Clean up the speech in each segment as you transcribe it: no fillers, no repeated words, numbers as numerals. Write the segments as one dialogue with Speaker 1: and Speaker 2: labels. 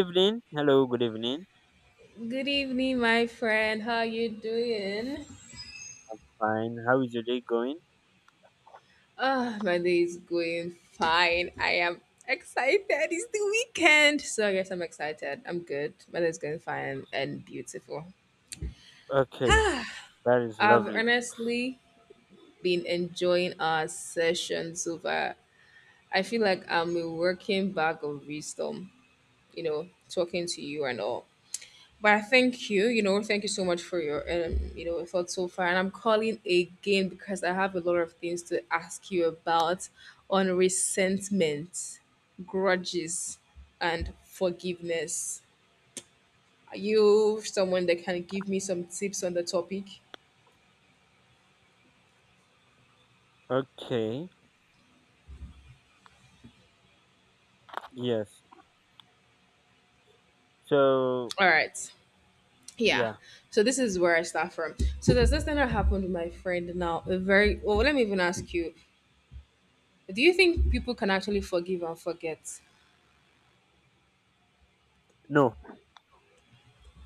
Speaker 1: Evening. Hello, good evening.
Speaker 2: Good evening, my friend. How you doing?
Speaker 1: Fine. How is your day going?
Speaker 2: Ah, my day is going fine. I am excited. It's the weekend. So yes, I'm excited. I'm good. My day is going fine and beautiful.
Speaker 1: Okay, that is
Speaker 2: I've
Speaker 1: lovely.
Speaker 2: honestly been enjoying our sessions over. I feel like I'm a working bag of wisdom, talking to you and all. But I thank you, thank you so much for your, thoughts so far. And I'm calling again because I have a lot of things to ask you about on resentment, grudges, and forgiveness. Are you someone that can give me some tips on the topic?
Speaker 1: Okay, yes. So,
Speaker 2: All right. Yeah.
Speaker 1: yeah,
Speaker 2: So this is where I start from. So there's this thing that happened with my friend now. A very well, let me even ask you. Do you think people can actually forgive and forget?
Speaker 1: no.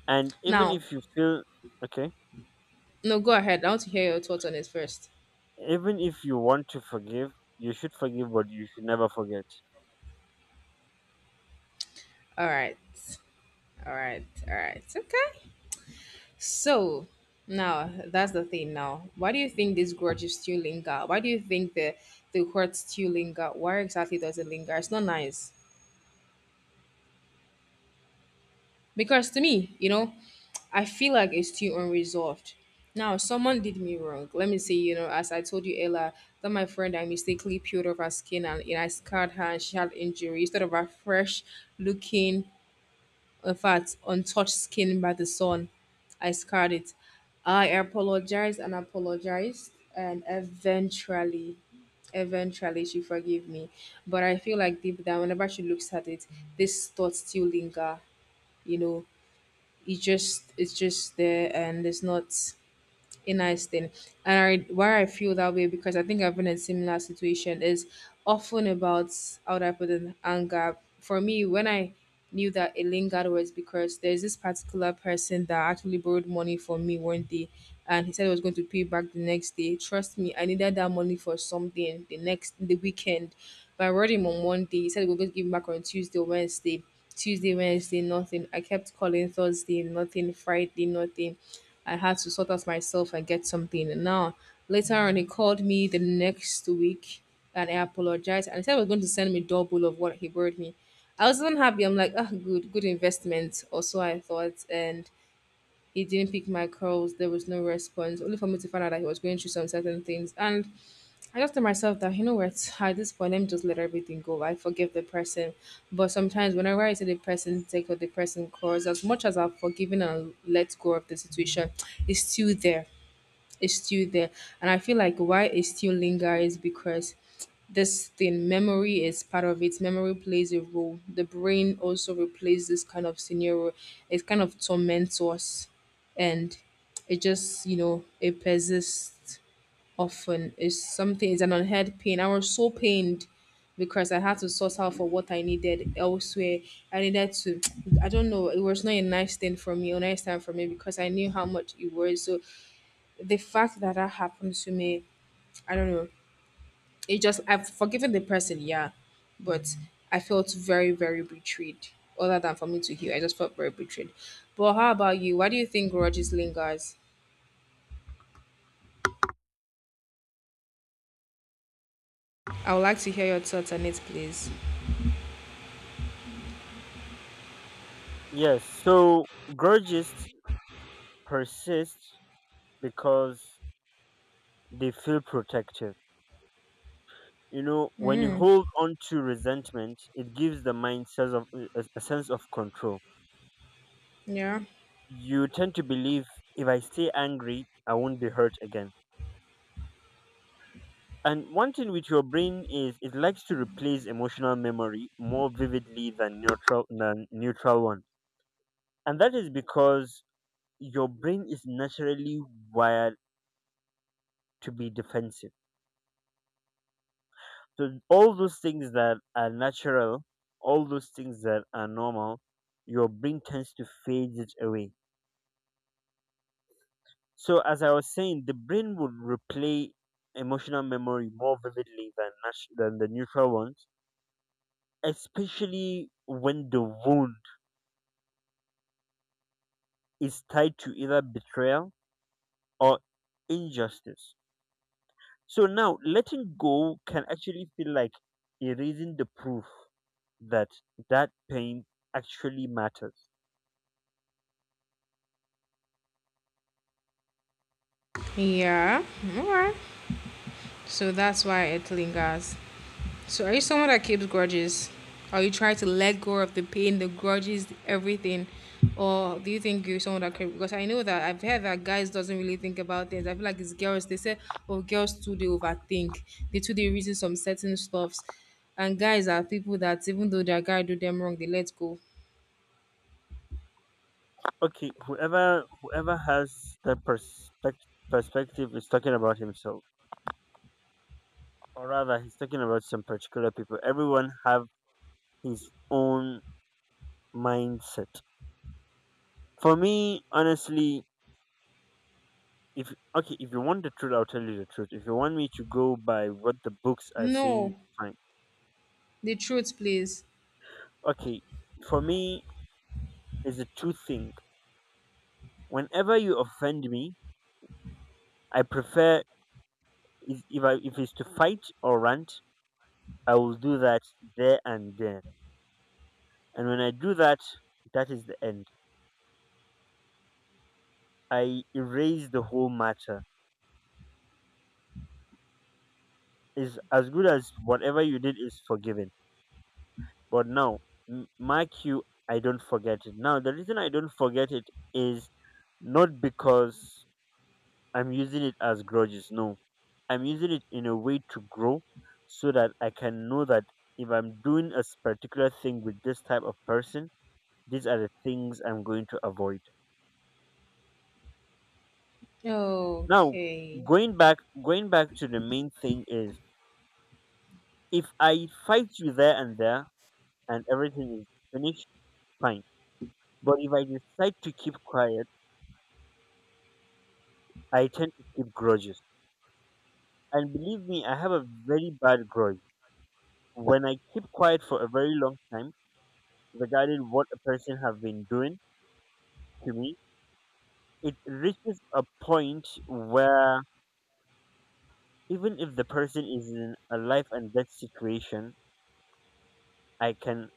Speaker 1: And even
Speaker 2: Now,
Speaker 1: if you feel Okay,
Speaker 2: no, go ahead. I want to hear your thoughts on it first.
Speaker 1: even if you want to forgive, you should forgive, but you should never forget.
Speaker 2: All right. All right. All right. Okay. So now that's the thing now. Why do you think this grudge is still linger? Why do you think the hurt still linger? Why exactly does it linger? It's not nice. Because to me, I feel like it's still unresolved. Now, someone did me wrong. Let me say, as I told you, Ella, that my friend I mistakenly peeled off her skin and I scarred her and she had injury instead of a fresh looking in fact, untouched skin by the sun. I scarred it. I apologized and apologized, and eventually she forgave me. But I feel like deep down, whenever she looks at it, this thought still linger. You know, it's just there, and it's not a nice thing. And I, why I feel that way because I think I've been in a similar situation is often about how do I put in anger. For me, when I knew that it lingered was because there's this particular person that actually borrowed money from me one day and he said he was going to pay back the next day. Trust me, I needed that money for something the weekend. But I wrote him on one day. He said we were going to give him back on Tuesday or Wednesday. Tuesday, Wednesday, nothing. I kept calling Thursday, nothing. Friday, nothing. I had to sort out myself and get something. And now later on, he called me the next week and I apologized and he said he was going to send me double of what he borrowed me. I was unhappy. I'm like, ah, good, good investment. Or so I thought. And he didn't pick my calls. There was no response, only for me to find out that he was going through some certain things. And I just tell myself that, you know what, at this point, let me just let everything go. I forgive the person. But sometimes, whenever I see the person take or the person cause, as much as I've forgiven and let go of the situation, it's still there. It's still there. And I feel like why it still lingers is because this thing, memory is part of it. Memory plays a role. The brain also replays this kind of scenario. It kind of torments us. And it just, you know, it persists often is something is an unheard pain. I was so pained because I had to source out for what I needed elsewhere. I needed to I don't know, it was not a nice thing for me, a nice time for me because I knew how much it was. So the fact that that happened to me, I don't know. It just I've forgiven the person, yeah. But I felt very, very betrayed. Other than for me to heal, I just felt very betrayed. But how about you? Why do you think grudges lingers? I would like to hear your thoughts on it, please.
Speaker 1: Yes, so grudges persist because they feel protective. You know, when you
Speaker 2: Mm,
Speaker 1: hold on to resentment, it gives the mind sense of, a sense of control.
Speaker 2: yeah.
Speaker 1: You tend to believe, if I stay angry, I won't be hurt again. And one thing with your brain is it likes to replace emotional memory more vividly than neutral one. And that is because your brain is naturally wired to be defensive. So all those things that are natural, all those things that are normal, your brain tends to fade it away. So as I was saying, the brain would replay emotional memory more vividly than the neutral ones, especially when the wound is tied to either betrayal or injustice. So now letting go can actually feel like erasing the proof that that pain actually matters.
Speaker 2: Yeah. Alright. So that's why it lingers. So are you someone that keeps grudges? Are you trying to let go of the pain, the grudges, everything? Or do you think you're someone that can because I know that I've heard that guys doesn't really think about things. I feel like it's girls, they say, oh, girls too they overthink. They too they reason some certain stuffs. And guys are people that even though their guy do them wrong, they let go.
Speaker 1: Okay, whoever has that perspective is talking about himself, or rather he's talking about some particular people. Everyone have his own mindset. For me, honestly, if okay, if you want the truth, I'll tell you the truth. If you want me to go by what the books are saying,
Speaker 2: No.
Speaker 1: fine.
Speaker 2: The truth, please.
Speaker 1: Okay, for me, it's a two thing. Whenever you offend me, I prefer, if it's to fight or rant, I will do that there and there. And when I do that, that is the end. I erase the whole matter. Is as good as whatever you did is forgiven. But now, mark you, I don't forget it. Now, the reason I don't forget it is not because I'm using it as grudges. No, I'm using it in a way to grow, so that I can know that if I'm doing a particular thing with this type of person, these are the things I'm going to avoid. Now,
Speaker 2: Okay.
Speaker 1: going back, going back to the main thing is, if I fight you there and there and everything is finished, fine. But if I decide to keep quiet, I tend to keep grudges. And believe me, I have a very bad grudge. When I keep quiet for a very long time regarding what a person have been doing to me, it reaches a point where even if the person is in a life and death situation, I can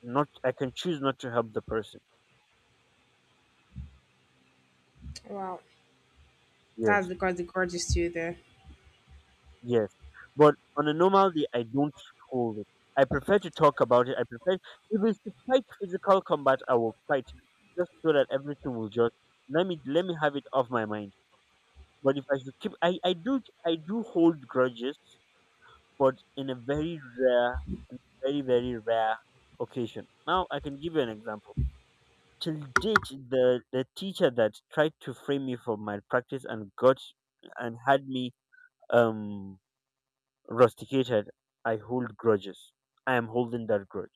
Speaker 1: I can choose not to help the person.
Speaker 2: Wow. That's
Speaker 1: Yes.
Speaker 2: because the grudge is still there.
Speaker 1: Yes. But on a normal day I don't hold it. I prefer to talk about it. I prefer, if it's to fight physical combat, I will fight, just so that everything will just, let me have it off my mind. But if I should keep, I do hold grudges, but in a very rare, very rare occasion. Now I can give you an example. Till date, the teacher that tried to frame me for my practice and had me um rusticated, I hold grudges. I am holding that grudge,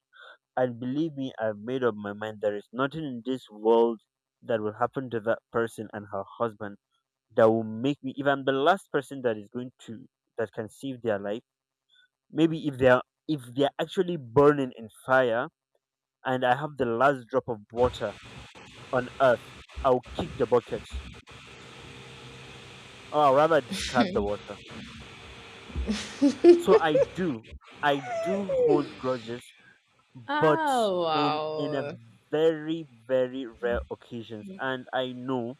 Speaker 1: and believe me, I've made up my mind. There is nothing in this world that will happen to that person and her husband that will make me, if I'm the last person that is going to that can save their life, maybe if they're actually burning in fire and I have the last drop of water on earth, I'll kick the bucket, or I'll rather discard the water. So I do hold grudges, but
Speaker 2: Oh
Speaker 1: in a
Speaker 2: wow,
Speaker 1: very rare occasions. And I know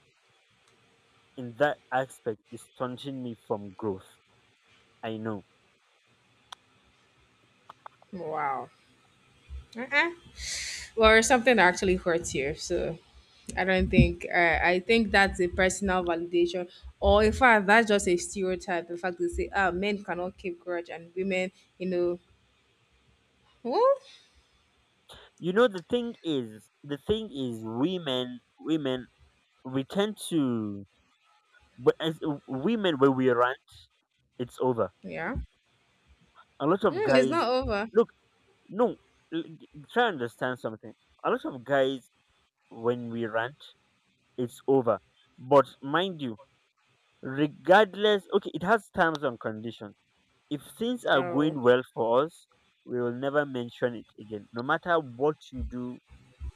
Speaker 1: in that aspect is stunting me from growth, I know.
Speaker 2: wow. Uh-uh. Well, something actually hurts you, so I don't think. I think that's a personal validation, or in fact, that's just a stereotype. The fact they say, "Ah, men cannot keep grudge, and women, you know, oh,
Speaker 1: You know, the thing is, women, we tend to, but as women, when we rant, it's over.
Speaker 2: yeah,
Speaker 1: A lot of
Speaker 2: mm, it's
Speaker 1: guys,
Speaker 2: not over."
Speaker 1: look, no, try and understand something. A lot of guys, when we rant, it's over. But mind you, regardless, okay, it has terms and conditions. If things are
Speaker 2: Oh,
Speaker 1: going well for us, we will never mention it again, no matter what you do,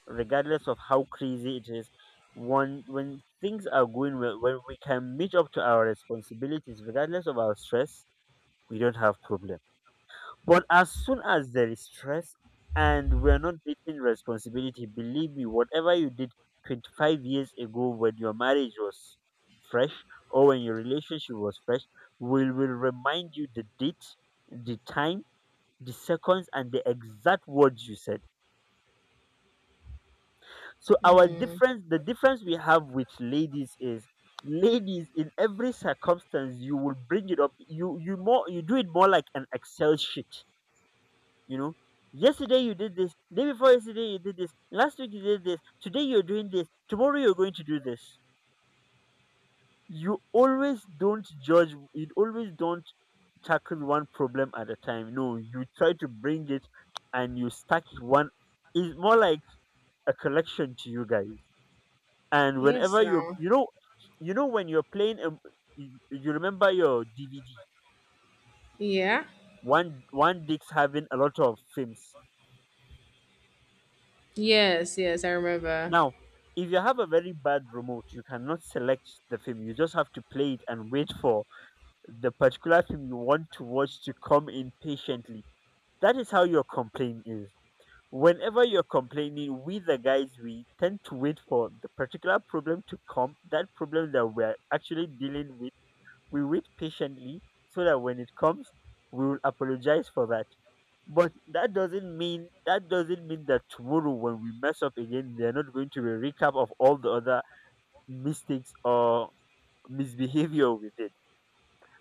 Speaker 1: regardless of how crazy it is. One, when things are going well, when we can meet up to our responsibilities regardless of our stress, we don't have problem. But as soon as there is stress and we're not meeting responsibility, believe me, whatever you did 25 years ago, when your marriage was fresh, or when your relationship was fresh, will remind you the date, the time, the seconds, and the exact words you said. So our
Speaker 2: mm.
Speaker 1: difference, the difference we have with ladies is, ladies, in every circumstance you will bring it up. You do it more like an Excel sheet. You know, yesterday you did this, day before yesterday you did this, last week you did this, today you're doing this, tomorrow you're going to do this. You always don't judge. You always don't tackle one problem at a time. No, you try to bring it and you stack it one. It's more like a collection to you guys. And
Speaker 2: Yes,
Speaker 1: whenever you
Speaker 2: now,
Speaker 1: you know, you know when you're playing you remember your DVD,
Speaker 2: yeah,
Speaker 1: one disc having a lot of films.
Speaker 2: yes, yes, I remember.
Speaker 1: Now, if you have a very bad remote, you cannot select the film, you just have to play it and wait for the particular film you want to watch to come in patiently. That is how your complaint is. Whenever you're complaining, we the guys, we tend to wait for the particular problem to come, that problem that we're actually dealing with. We wait patiently, so that when it comes, we will apologize for that. But that doesn't mean that tomorrow when we mess up again, they're not going to be a recap of all the other mistakes or misbehavior with it.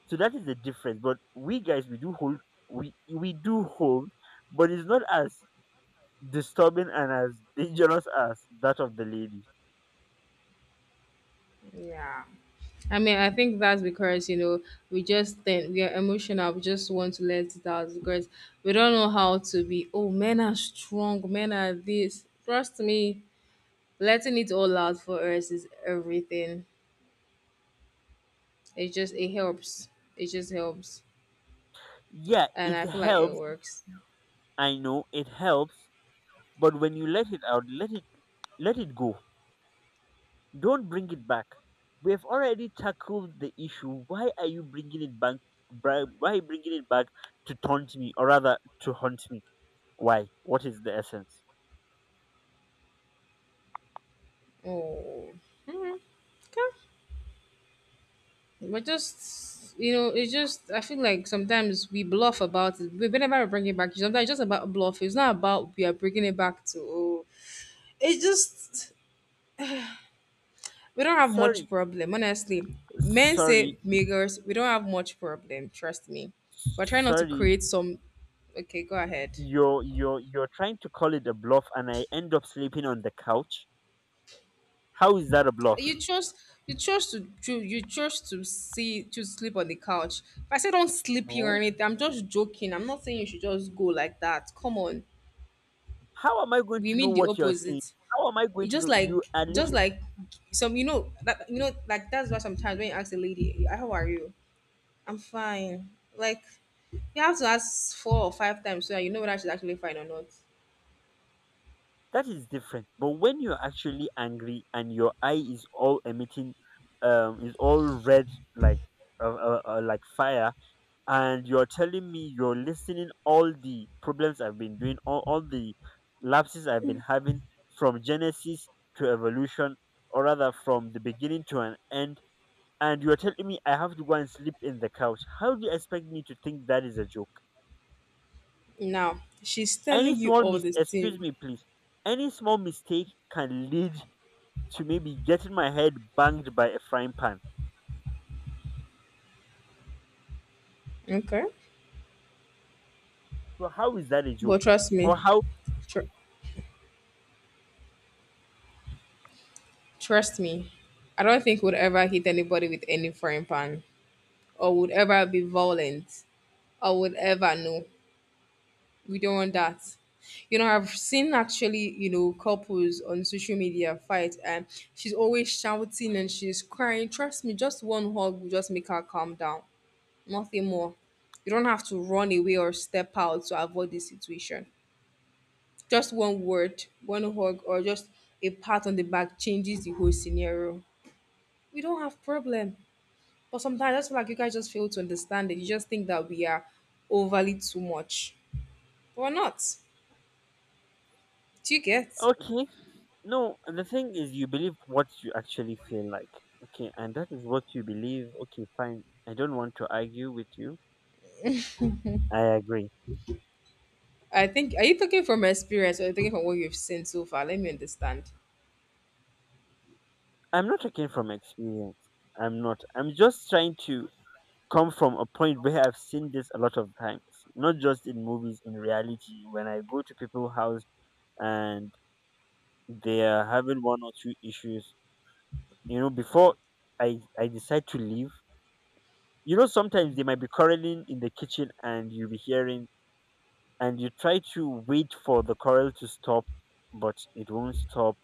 Speaker 1: So that is the difference. But we guys, we do hold, we do hold, but it's not as disturbing and as dangerous as that of the ladies.
Speaker 2: Yeah, I mean, I think that's because we just think we are emotional. We just want to let it out because we don't know how to be. Oh, men are strong. Men are this. Trust me, letting it all out for us is everything. It just it helps. It just helps,
Speaker 1: Yeah,
Speaker 2: and
Speaker 1: it
Speaker 2: I feel like it
Speaker 1: helps.
Speaker 2: works.
Speaker 1: I know it helps, but when you let it out, let it go. Don't bring it back. We have already tackled the issue. Why are you bringing it back? Why are you bringing it back to taunt me, or rather, to haunt me? Why? What is the essence?
Speaker 2: Oh, mm, okay. But just it's just I feel like sometimes we bluff about it. We whenever we bring it back, sometimes it's just about bluff. It's not about we are bringing it back to. Oh, it's just we don't have
Speaker 1: Sorry,
Speaker 2: much problem, honestly. Men
Speaker 1: sorry,
Speaker 2: say Migos, we don't have much problem, trust me. We're trying not to
Speaker 1: sorry.
Speaker 2: create some okay, go ahead.
Speaker 1: You're trying to call it a bluff, and I end up sleeping on the couch. How is that a bluff?
Speaker 2: You chose you chose to see to sleep on the couch. If I say don't sleep here or
Speaker 1: No.
Speaker 2: anything, I'm just joking. I'm not saying you should just go like that. Come on.
Speaker 1: How am I going
Speaker 2: We
Speaker 1: to know
Speaker 2: mean the
Speaker 1: what you're saying?
Speaker 2: opposite.
Speaker 1: How am I going
Speaker 2: It
Speaker 1: to know? You are
Speaker 2: just
Speaker 1: literally.
Speaker 2: like some you know, like that's why sometimes when you ask a lady, how are you? I'm fine. Like you have to ask four or five times so that you know whether she's actually fine or not.
Speaker 1: That is different, but when you're actually angry and your eye is all emitting is all red, like like fire, and you're telling me you're listening all the problems I've been doing, all the lapses I've been having, from genesis to evolution, or rather from the beginning to an end, and you're telling me I have to go and sleep in the couch, how do you expect me to think that is a joke?
Speaker 2: Now, she's
Speaker 1: Any
Speaker 2: telling you
Speaker 1: small
Speaker 2: all
Speaker 1: mis
Speaker 2: this
Speaker 1: Excuse
Speaker 2: thing.
Speaker 1: me, please, any small mistake can lead to maybe getting my head banged by a frying pan.
Speaker 2: Okay.
Speaker 1: So how is that a
Speaker 2: But
Speaker 1: joke?
Speaker 2: trust
Speaker 1: Or
Speaker 2: me,
Speaker 1: how?
Speaker 2: tr- trust me, I don't think we'll ever hit anybody with any frying pan or would ever be violent or would ever know. We don't want that. I've seen actually, couples on social media fight and she's always shouting and she's crying. Trust me, just one hug will just make her calm down. Nothing more. You don't have to run away or step out to avoid the situation. Just one word, one hug, or just a pat on the back changes the whole scenario. We don't have problem. But sometimes I feel like you guys just fail to understand it. You just think that we are overly too much. But we're not. Do you get?
Speaker 1: Okay, no. The thing is, you believe what you actually feel like. Okay, and that is what you believe. Okay, fine. I don't want to argue with you. I agree.
Speaker 2: I think are you talking from experience or are you talking from what you've seen so far? Let me understand.
Speaker 1: I'm not talking from experience. I'm not. I'm just trying to come from a point where I've seen this a lot of times, not just in movies, in reality. When I go to people's house and they are having one or two issues, before I decide to leave, sometimes they might be quarreling in the kitchen and you'll be hearing, and you try to wait for the quarrel to stop, but it won't stop,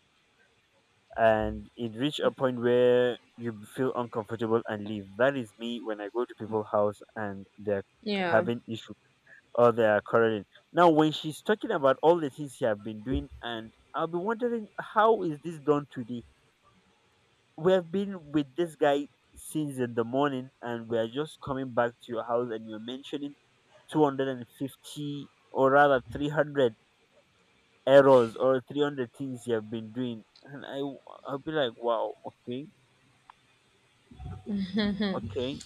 Speaker 1: and it reach a point where you feel uncomfortable and leave. That is me, when I go to people's house and they're
Speaker 2: Yeah.
Speaker 1: having issue or they are quarreling. Now when she's talking about all the things she have been doing, and I'll be wondering, how is this done today? We have been with this guy since in the morning and we are just coming back to your house, and you're mentioning 250, or rather 300 errors, or 300 things you have been doing, and I'll be like, wow, okay, okay.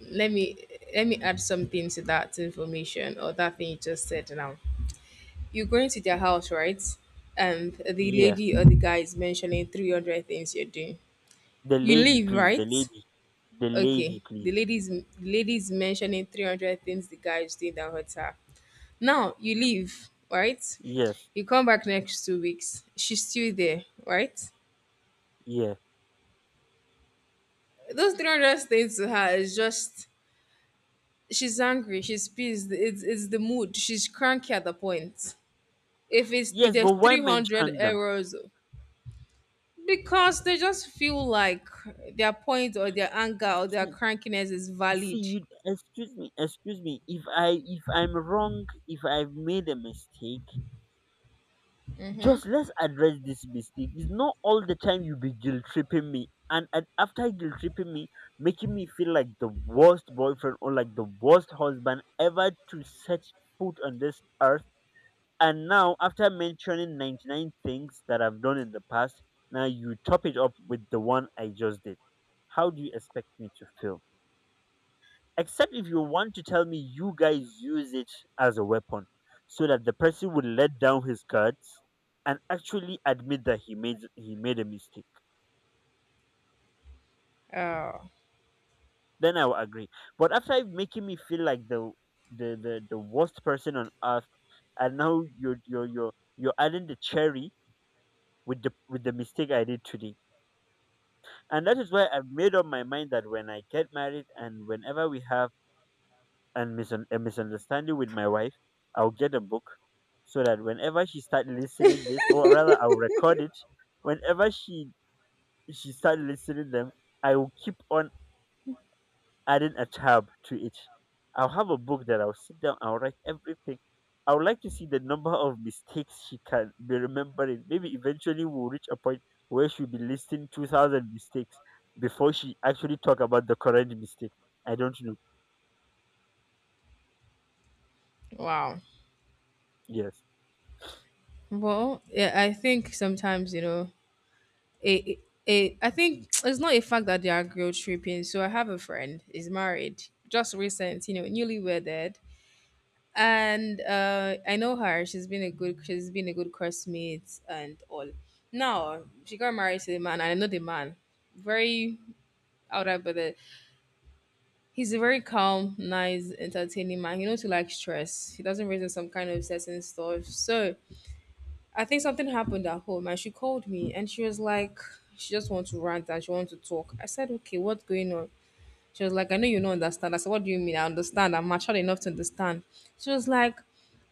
Speaker 2: Let me let me add something to that information or that thing you just said now. You're going to their house, right? And the
Speaker 1: Yeah,
Speaker 2: lady or the guy is mentioning 300 things you're doing.
Speaker 1: the
Speaker 2: You
Speaker 1: lady,
Speaker 2: leave,
Speaker 1: please. The
Speaker 2: right?
Speaker 1: lady, the lady,
Speaker 2: Okay. The
Speaker 1: please.
Speaker 2: lady's the lady's mentioning 300 things the guy is doing that hurts her. Now you leave, right?
Speaker 1: Yes,
Speaker 2: You come back next 2 weeks. She's still there, right?
Speaker 1: yes,
Speaker 2: Those 300 things to her is just she's angry, she's pissed. It's the mood. She's cranky at the point. If it's if
Speaker 1: yes,
Speaker 2: there's
Speaker 1: but why
Speaker 2: 300
Speaker 1: mention them?
Speaker 2: errors because they just feel like their point or their anger or their
Speaker 1: see
Speaker 2: crankiness is
Speaker 1: see
Speaker 2: valid.
Speaker 1: you, excuse me, if I'm wrong, if I've made a mistake, just let's address this mistake. It's not all the time you be guilt tripping me, and after guilt tripping me, making me feel like the worst boyfriend, or like the worst husband ever to set foot on this earth. And now, after mentioning 99 things that I've done in the past, now you top it up with the one I just did. How do you expect me to feel? Except if you want to tell me you guys use it as a weapon so that the person would let down his guards and actually admit that he made a mistake,
Speaker 2: Oh,
Speaker 1: then I will agree. But after making me feel like the worst person on earth, and now you're adding the cherry with the mistake I did today. And that is why I've made up my mind that when I get married and whenever we have a misunderstanding with my wife, I'll get a book so that whenever she start listening this, or rather, I'll record it. Whenever she start listening them, I will keep on adding a tab to it. I'll have a book that I'll sit down. I'll write everything. I would like to see the number of mistakes she can be remembering. Maybe eventually we'll reach a point where she'll be listing 2,000 mistakes before she actually talk about the current mistake. I don't know.
Speaker 2: wow.
Speaker 1: Yes.
Speaker 2: Well, yeah, I think sometimes, a, I think it's not a fact that they are guilt tripping. So I have a friend is married, just recent, newly wedded. And I know her. She's been a good classmate and all. Now she got married to the man, and I know the man, very out of the he's a very calm, nice, entertaining man. He knows to like stress. He doesn't raise in some kind of certain stuff. So I think something happened at home and she called me and she was like, she just wants to rant and she wants to talk. I said, okay, what's going on? She was like, I know you don't understand. I said, what do you mean? I understand. I'm mature enough to understand. She was like,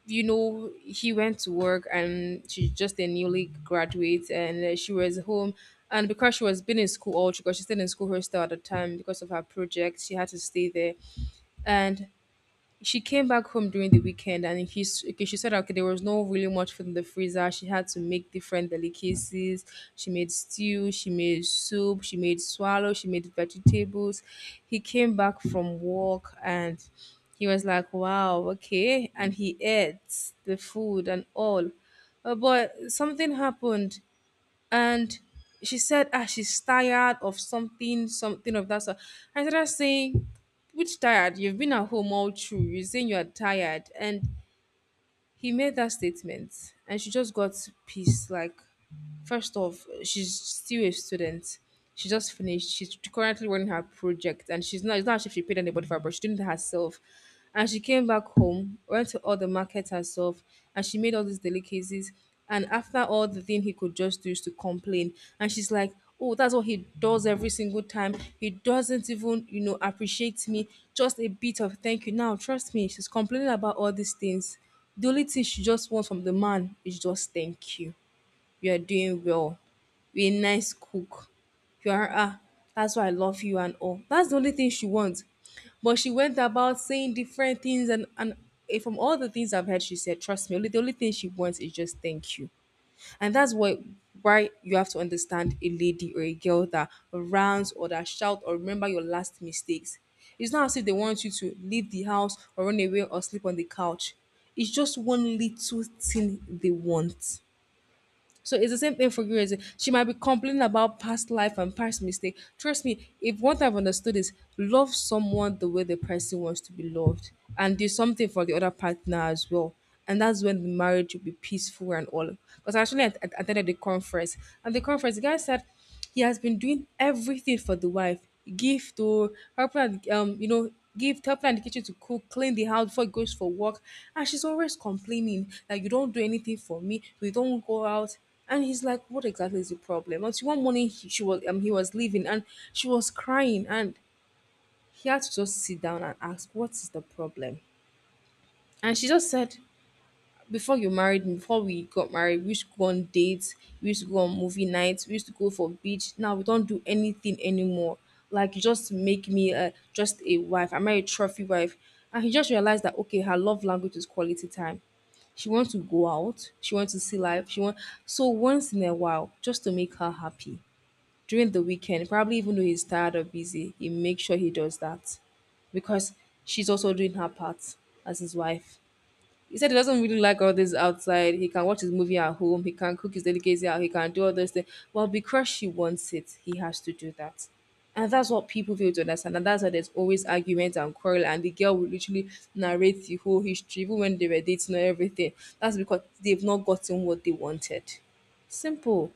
Speaker 2: you know, he went to work and she's just a newly graduate and she was home. And because she was been in school all, because she stayed in school herself at the time because of her project, she had to stay there and she came back home during the weekend. And she, okay, she said, okay, there was no really much food in the freezer. She had to make different delicacies. She made stew, she made soup, she made swallow, she made vegetables. He came back from work and he was like, wow, okay, and he ate the food and all. But something happened, and she said, ah, she's tired of something, something of that sort. I started saying, which tired? You've been at home all through, you're saying you're tired. And he made that statement and she just got pissed, like, first off, she's still a student. She just finished. She's currently running her project, and she's not. It's not as if she paid anybody for her, but she did it herself. And she came back home, went to all the markets herself, and she made all these delicacies. And after all, the thing he could just do is to complain. And she's like, "Oh, that's what he does every single time. He doesn't even, appreciate me. Just a bit of thank you." Now, trust me, she's complaining about all these things. The only thing she just wants from the man is just thank you, you are doing well. You're a nice cook. You are, ah, that's why I love you and all. That's the only thing she wants. But she went about saying different things, and from all the things I've heard, she said, trust me, only the only thing she wants is just thank you. And that's why you have to understand a lady or a girl that rants or that shout or remember your last mistakes. It's not as if they want you to leave the house or run away or sleep on the couch. It's just one little thing they want. So it's the same thing for you. Is She might be complaining about past life and past mistake. Trust me, if what I've understood is love someone the way the person wants to be loved, and do something for the other partner as well. And that's when the marriage will be peaceful and all. Because actually, I attended the conference, and the conference, the guy said he has been doing everything for the wife, gift, or helping her with, gift, helping her in the kitchen to cook, clean the house before he goes for work. And she's always complaining that you don't do anything for me, we don't go out. And he's like, what exactly is the problem? Until one morning, he was leaving and she was crying, and he had to just sit down and ask, what is the problem? And she just said, before you married me, before we got married, we used to go on dates, we used to go on movie nights, we used to go for beach. Now we don't do anything anymore. Like you just make me a, just a wife. I'm a trophy wife. And he just realized that, okay, her love language is quality time. She wants to go out, she wants to see life, she wants, so once in a while, just to make her happy. During the weekend, probably even though he's tired or busy, he makes sure he does that. Because she's also doing her part as his wife. He said he doesn't really like all this outside. He can watch his movie at home. He can cook his delicacy out. He can do all those things. Well, because she wants it, he has to do that. And that's what people fail to understand. And that's why there's always arguments and quarrel. And the girl will literally narrate the whole history, even when they were dating and everything. That's because they've not gotten what they wanted. Simple.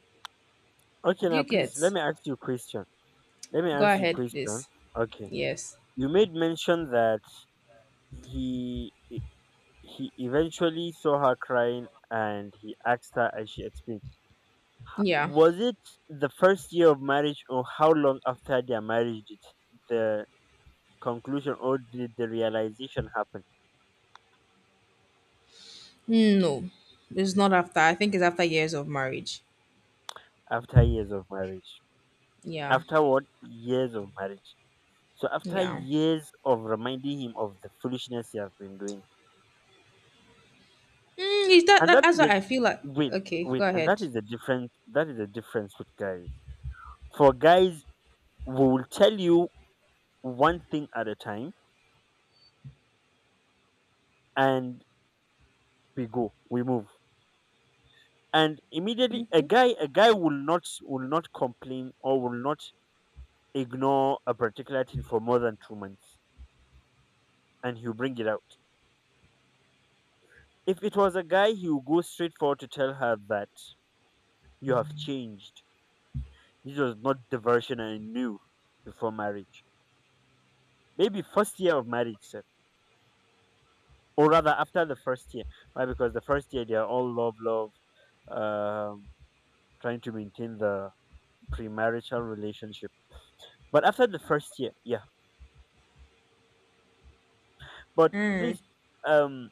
Speaker 1: Okay,
Speaker 2: Do
Speaker 1: now
Speaker 2: you
Speaker 1: please let
Speaker 2: get?
Speaker 1: me ask you a question. Let me
Speaker 2: Go
Speaker 1: ask you a
Speaker 2: ahead,
Speaker 1: question.
Speaker 2: please.
Speaker 1: Okay.
Speaker 2: Yes.
Speaker 1: You made mention that he e, he eventually saw her crying and he asked her and she explained.
Speaker 2: Yeah.
Speaker 1: Was it the first year of marriage or how long after their marriage did the conclusion or did the realization happen
Speaker 2: Hmm, no. It's not after. I think it's after years of marriage.
Speaker 1: after years of marriage?
Speaker 2: Yeah.
Speaker 1: After what? Years of marriage. So after
Speaker 2: Yeah.
Speaker 1: years of reminding him of the foolishness he has been doing.
Speaker 2: Is that,
Speaker 1: And
Speaker 2: that
Speaker 1: that
Speaker 2: that's
Speaker 1: is
Speaker 2: what
Speaker 1: the
Speaker 2: I feel like?
Speaker 1: wait,
Speaker 2: Okay, go
Speaker 1: and that
Speaker 2: ahead.
Speaker 1: is the difference with guys. For guys, we will tell you one thing at a time, and we go, we move. And immediately a guy will not complain or will not ignore a particular thing for more than 2 months, and he'll bring it out. If it was a guy, he will go straight forward to tell her that you have changed. This was not the version I knew before marriage. Maybe first year of marriage, sir. Or rather after the first year. Why? Because the first year they are all love, love, um. Trying to maintain the premarital relationship. But after the first year, yeah. But
Speaker 2: Mm,
Speaker 1: please, um,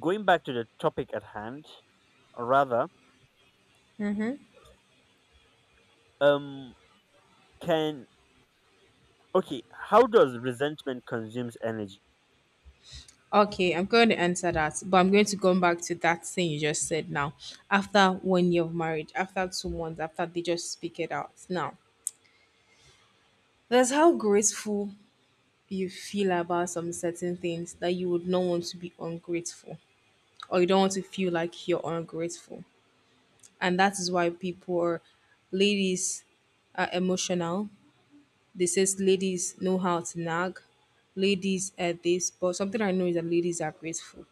Speaker 1: going back to the topic at hand, or rather, um, can okay, how does resentment consumes energy?
Speaker 2: okay, I'm going to answer that, but I'm going to go back to that thing you just said now. After 1 year of marriage, after 2 months, after they just speak it out. Now, that's how grateful you feel about some certain things that you would not want to be ungrateful, or you don't want to feel like you're ungrateful. And that is why people, are, ladies, are emotional. They says ladies know how to nag, ladies are this, but something I know is that ladies are grateful.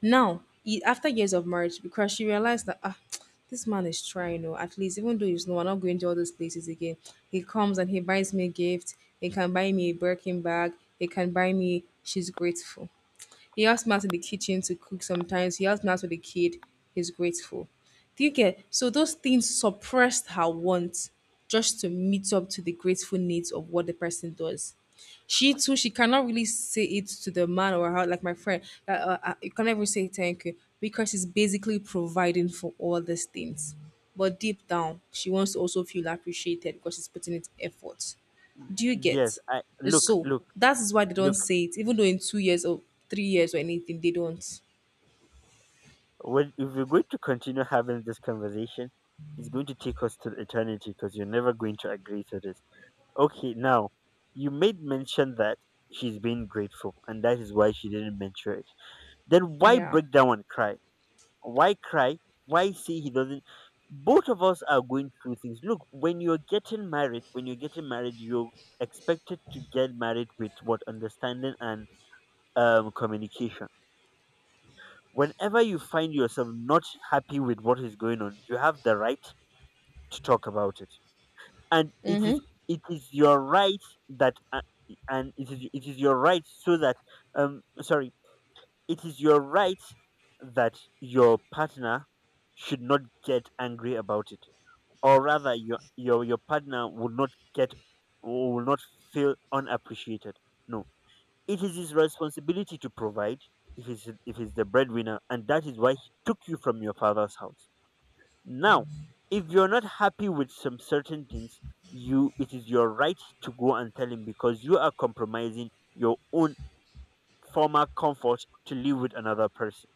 Speaker 2: Now, after years of marriage, because she realized that, ah, this man is trying, oh, at least even though he's, no, I'm not going to all those places again. He comes and he buys me a gift. He can buy me a Birkin bag. He can buy me. She's grateful. He helps me out in the kitchen to cook sometimes. He helps me out with the kid. He's grateful. Do you get? So those things suppressed her wants just to meet up to the grateful needs of what the person does. She too, she cannot really say it to the man or her, like my friend. You can't even say thank you because she's basically providing for all these things. But deep down, she wants to also feel appreciated because she's putting in effort. Do you
Speaker 1: Yes,
Speaker 2: get?
Speaker 1: I
Speaker 2: So that is why they don't
Speaker 1: look.
Speaker 2: say it, even though in 2 years or 3 years or anything, they don't.
Speaker 1: When, if we're going to continue having this conversation, it's going to take us to eternity because you're never going to agree to this. Okay, now you made mention that she's being grateful, and that is why she didn't mention it. Then why
Speaker 2: Yeah.
Speaker 1: break down and cry? Why cry? Why say he doesn't? Both of us are going through things. Look, when you're getting married, you're expected to get married with what understanding and communication. Whenever you find yourself not happy with what is going on, you have the right to talk about it, and it is
Speaker 2: Mm-hmm.
Speaker 1: it is your right that and it is your right so that sorry It is your right that your partner should not get angry about it, or rather, your partner would not get will not feel unappreciated. No, it is his responsibility to provide if he's the breadwinner, and that is why he took you from your father's house. Now, if you're not happy with some certain things, you it is your right to go and tell him because you are compromising your own former comfort to live with another person.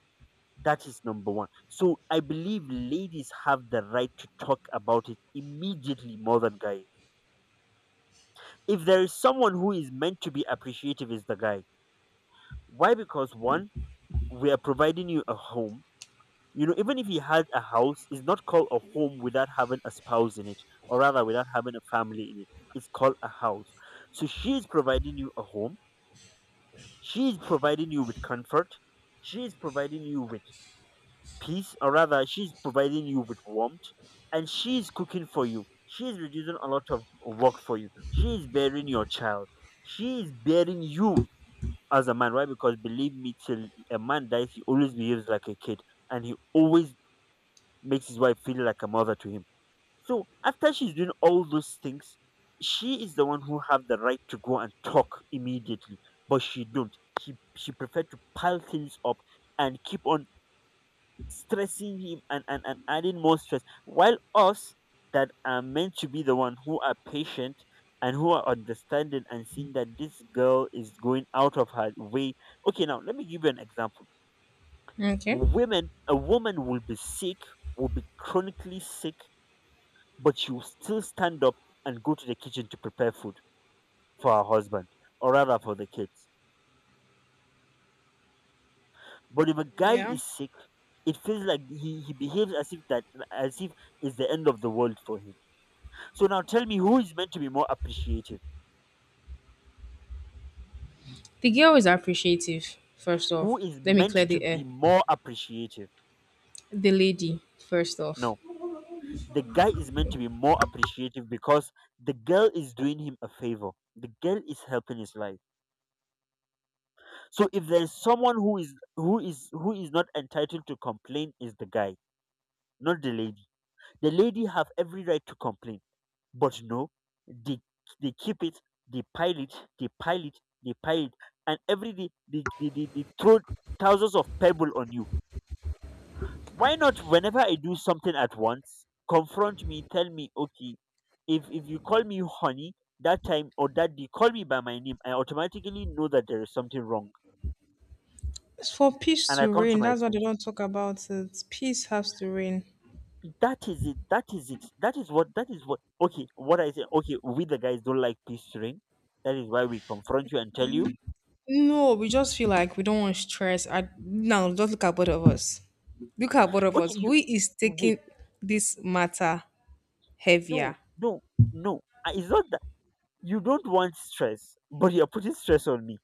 Speaker 1: That is number one. So I believe ladies have the right to talk about it immediately more than guys. If there is someone who is meant to be appreciative, is the guy. Why? Because one, we are providing you a home. You know, even if he had a house, it's not called a home without having a spouse in it, or rather without having a family in it. It's called a house. So she is providing you a home. She is providing you with comfort. She is providing you with peace, or rather, she's providing you with warmth, and she's cooking for you. She's reducing a lot of work for you. She is bearing your child. She is bearing you as a man. Why? Because believe me, till a man dies, he always behaves like a kid, and he always makes his wife feel like a mother to him. So after she's doing all those things, she is the one who have the right to go and talk immediately, but she don't. She prefer to pile things up and keep on stressing him and adding more stress. While us that are meant to be the one who are patient and who are understanding and seeing that this girl is going out of her way. Okay, now let me give you an example.
Speaker 2: Okay.
Speaker 1: Women, a woman will be sick, will be chronically sick, but she will still stand up and go to the kitchen to prepare food for her husband or rather for the kids. But if a guy
Speaker 2: Yeah.
Speaker 1: is sick, it feels like he behaves as if that as if it's the end of the world for him. So now tell me who is meant to be more appreciative?
Speaker 2: The girl is appreciative, first
Speaker 1: Who
Speaker 2: off.
Speaker 1: is
Speaker 2: Let me
Speaker 1: meant
Speaker 2: clear
Speaker 1: to
Speaker 2: the
Speaker 1: be
Speaker 2: air.
Speaker 1: more appreciative?
Speaker 2: The lady, first off.
Speaker 1: No, the guy is meant to be more appreciative because the girl is doing him a favor. The girl is helping his life. So if there is someone who is who is not entitled to complain is the guy, not the lady. The lady have every right to complain, but no, they keep it, they pile it, they pile it, they pile it, and every day they throw thousands of pebble on you. Why not whenever I do something at once confront me, tell me? Okay, if you call me honey that time or that day, call me by my name, I automatically know that there is something wrong,
Speaker 2: It's for peace
Speaker 1: and I
Speaker 2: to
Speaker 1: come to
Speaker 2: reign.
Speaker 1: my
Speaker 2: That's why they
Speaker 1: sense.
Speaker 2: don't talk about it. Peace has to reign.
Speaker 1: That is it. That is what okay, what I say, okay, we the guys don't like pestering. That is why we confront you and tell you.
Speaker 2: No, we just feel like we don't want stress. Now, just look at both of us. Look at both of
Speaker 1: Okay,
Speaker 2: us. Who
Speaker 1: you
Speaker 2: is
Speaker 1: wait.
Speaker 2: taking this matter
Speaker 1: No,
Speaker 2: heavier?
Speaker 1: no, no. Ah, it's not that you don't want stress but you're putting stress on me.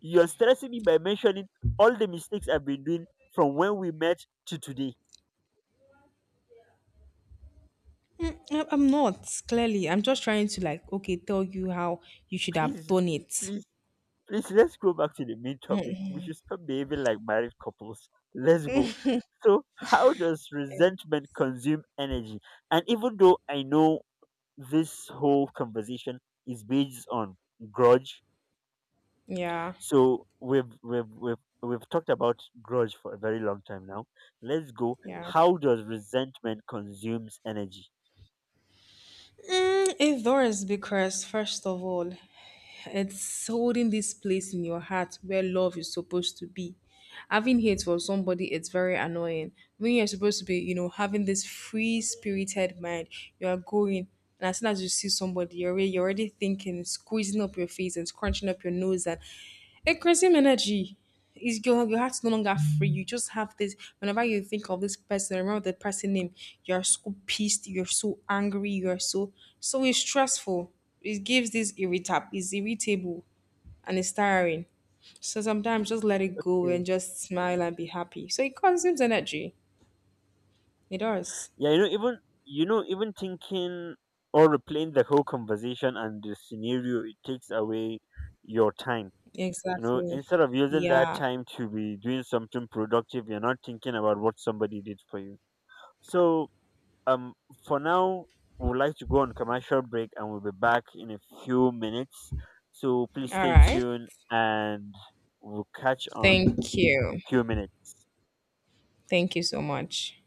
Speaker 1: You're stressing me by mentioning all the mistakes I've been doing from when we met to today.
Speaker 2: I'm not, clearly. I'm just trying to, like, okay, tell you how you should have
Speaker 1: Please,
Speaker 2: done it.
Speaker 1: please, please, let's go back to the main topic. We should stop behaving like married couples. Let's go. So, how does resentment consume energy? And even though I know this whole conversation is based on grudge,
Speaker 2: Yeah,
Speaker 1: so we've talked about grudge for a very long time now. Let's go.
Speaker 2: yeah.
Speaker 1: How does resentment consumes energy?
Speaker 2: It does because, first of all, it's holding this place in your heart where love is supposed to be. Having hate for somebody, it's very annoying. When you're supposed to be, having this free spirited mind, you are going, and as soon as you see somebody, you're already thinking, squeezing up your face and scrunching up your nose and increasing energy. Is Your heart's no longer free. You just have this. Whenever you think of this person, remember the person name. You're so pissed. You're so angry. You're so So it's stressful. It gives this irritab. It's irritable and it's tiring. So sometimes just let it go and just smile and be happy. So it consumes energy. It does.
Speaker 1: Yeah, you know, even thinking or replaying the whole conversation and the scenario, it takes away your time. You know,
Speaker 2: Exactly.
Speaker 1: instead of using that
Speaker 2: Yeah.
Speaker 1: time to be doing something productive, you're not thinking about what somebody did for you. So, um, for now, we would like to go on commercial break, and we'll be back in a few minutes. So please
Speaker 2: All
Speaker 1: stay
Speaker 2: right.
Speaker 1: tuned, and we'll catch on
Speaker 2: Thank
Speaker 1: in
Speaker 2: you.
Speaker 1: a few minutes.
Speaker 2: Thank you so much.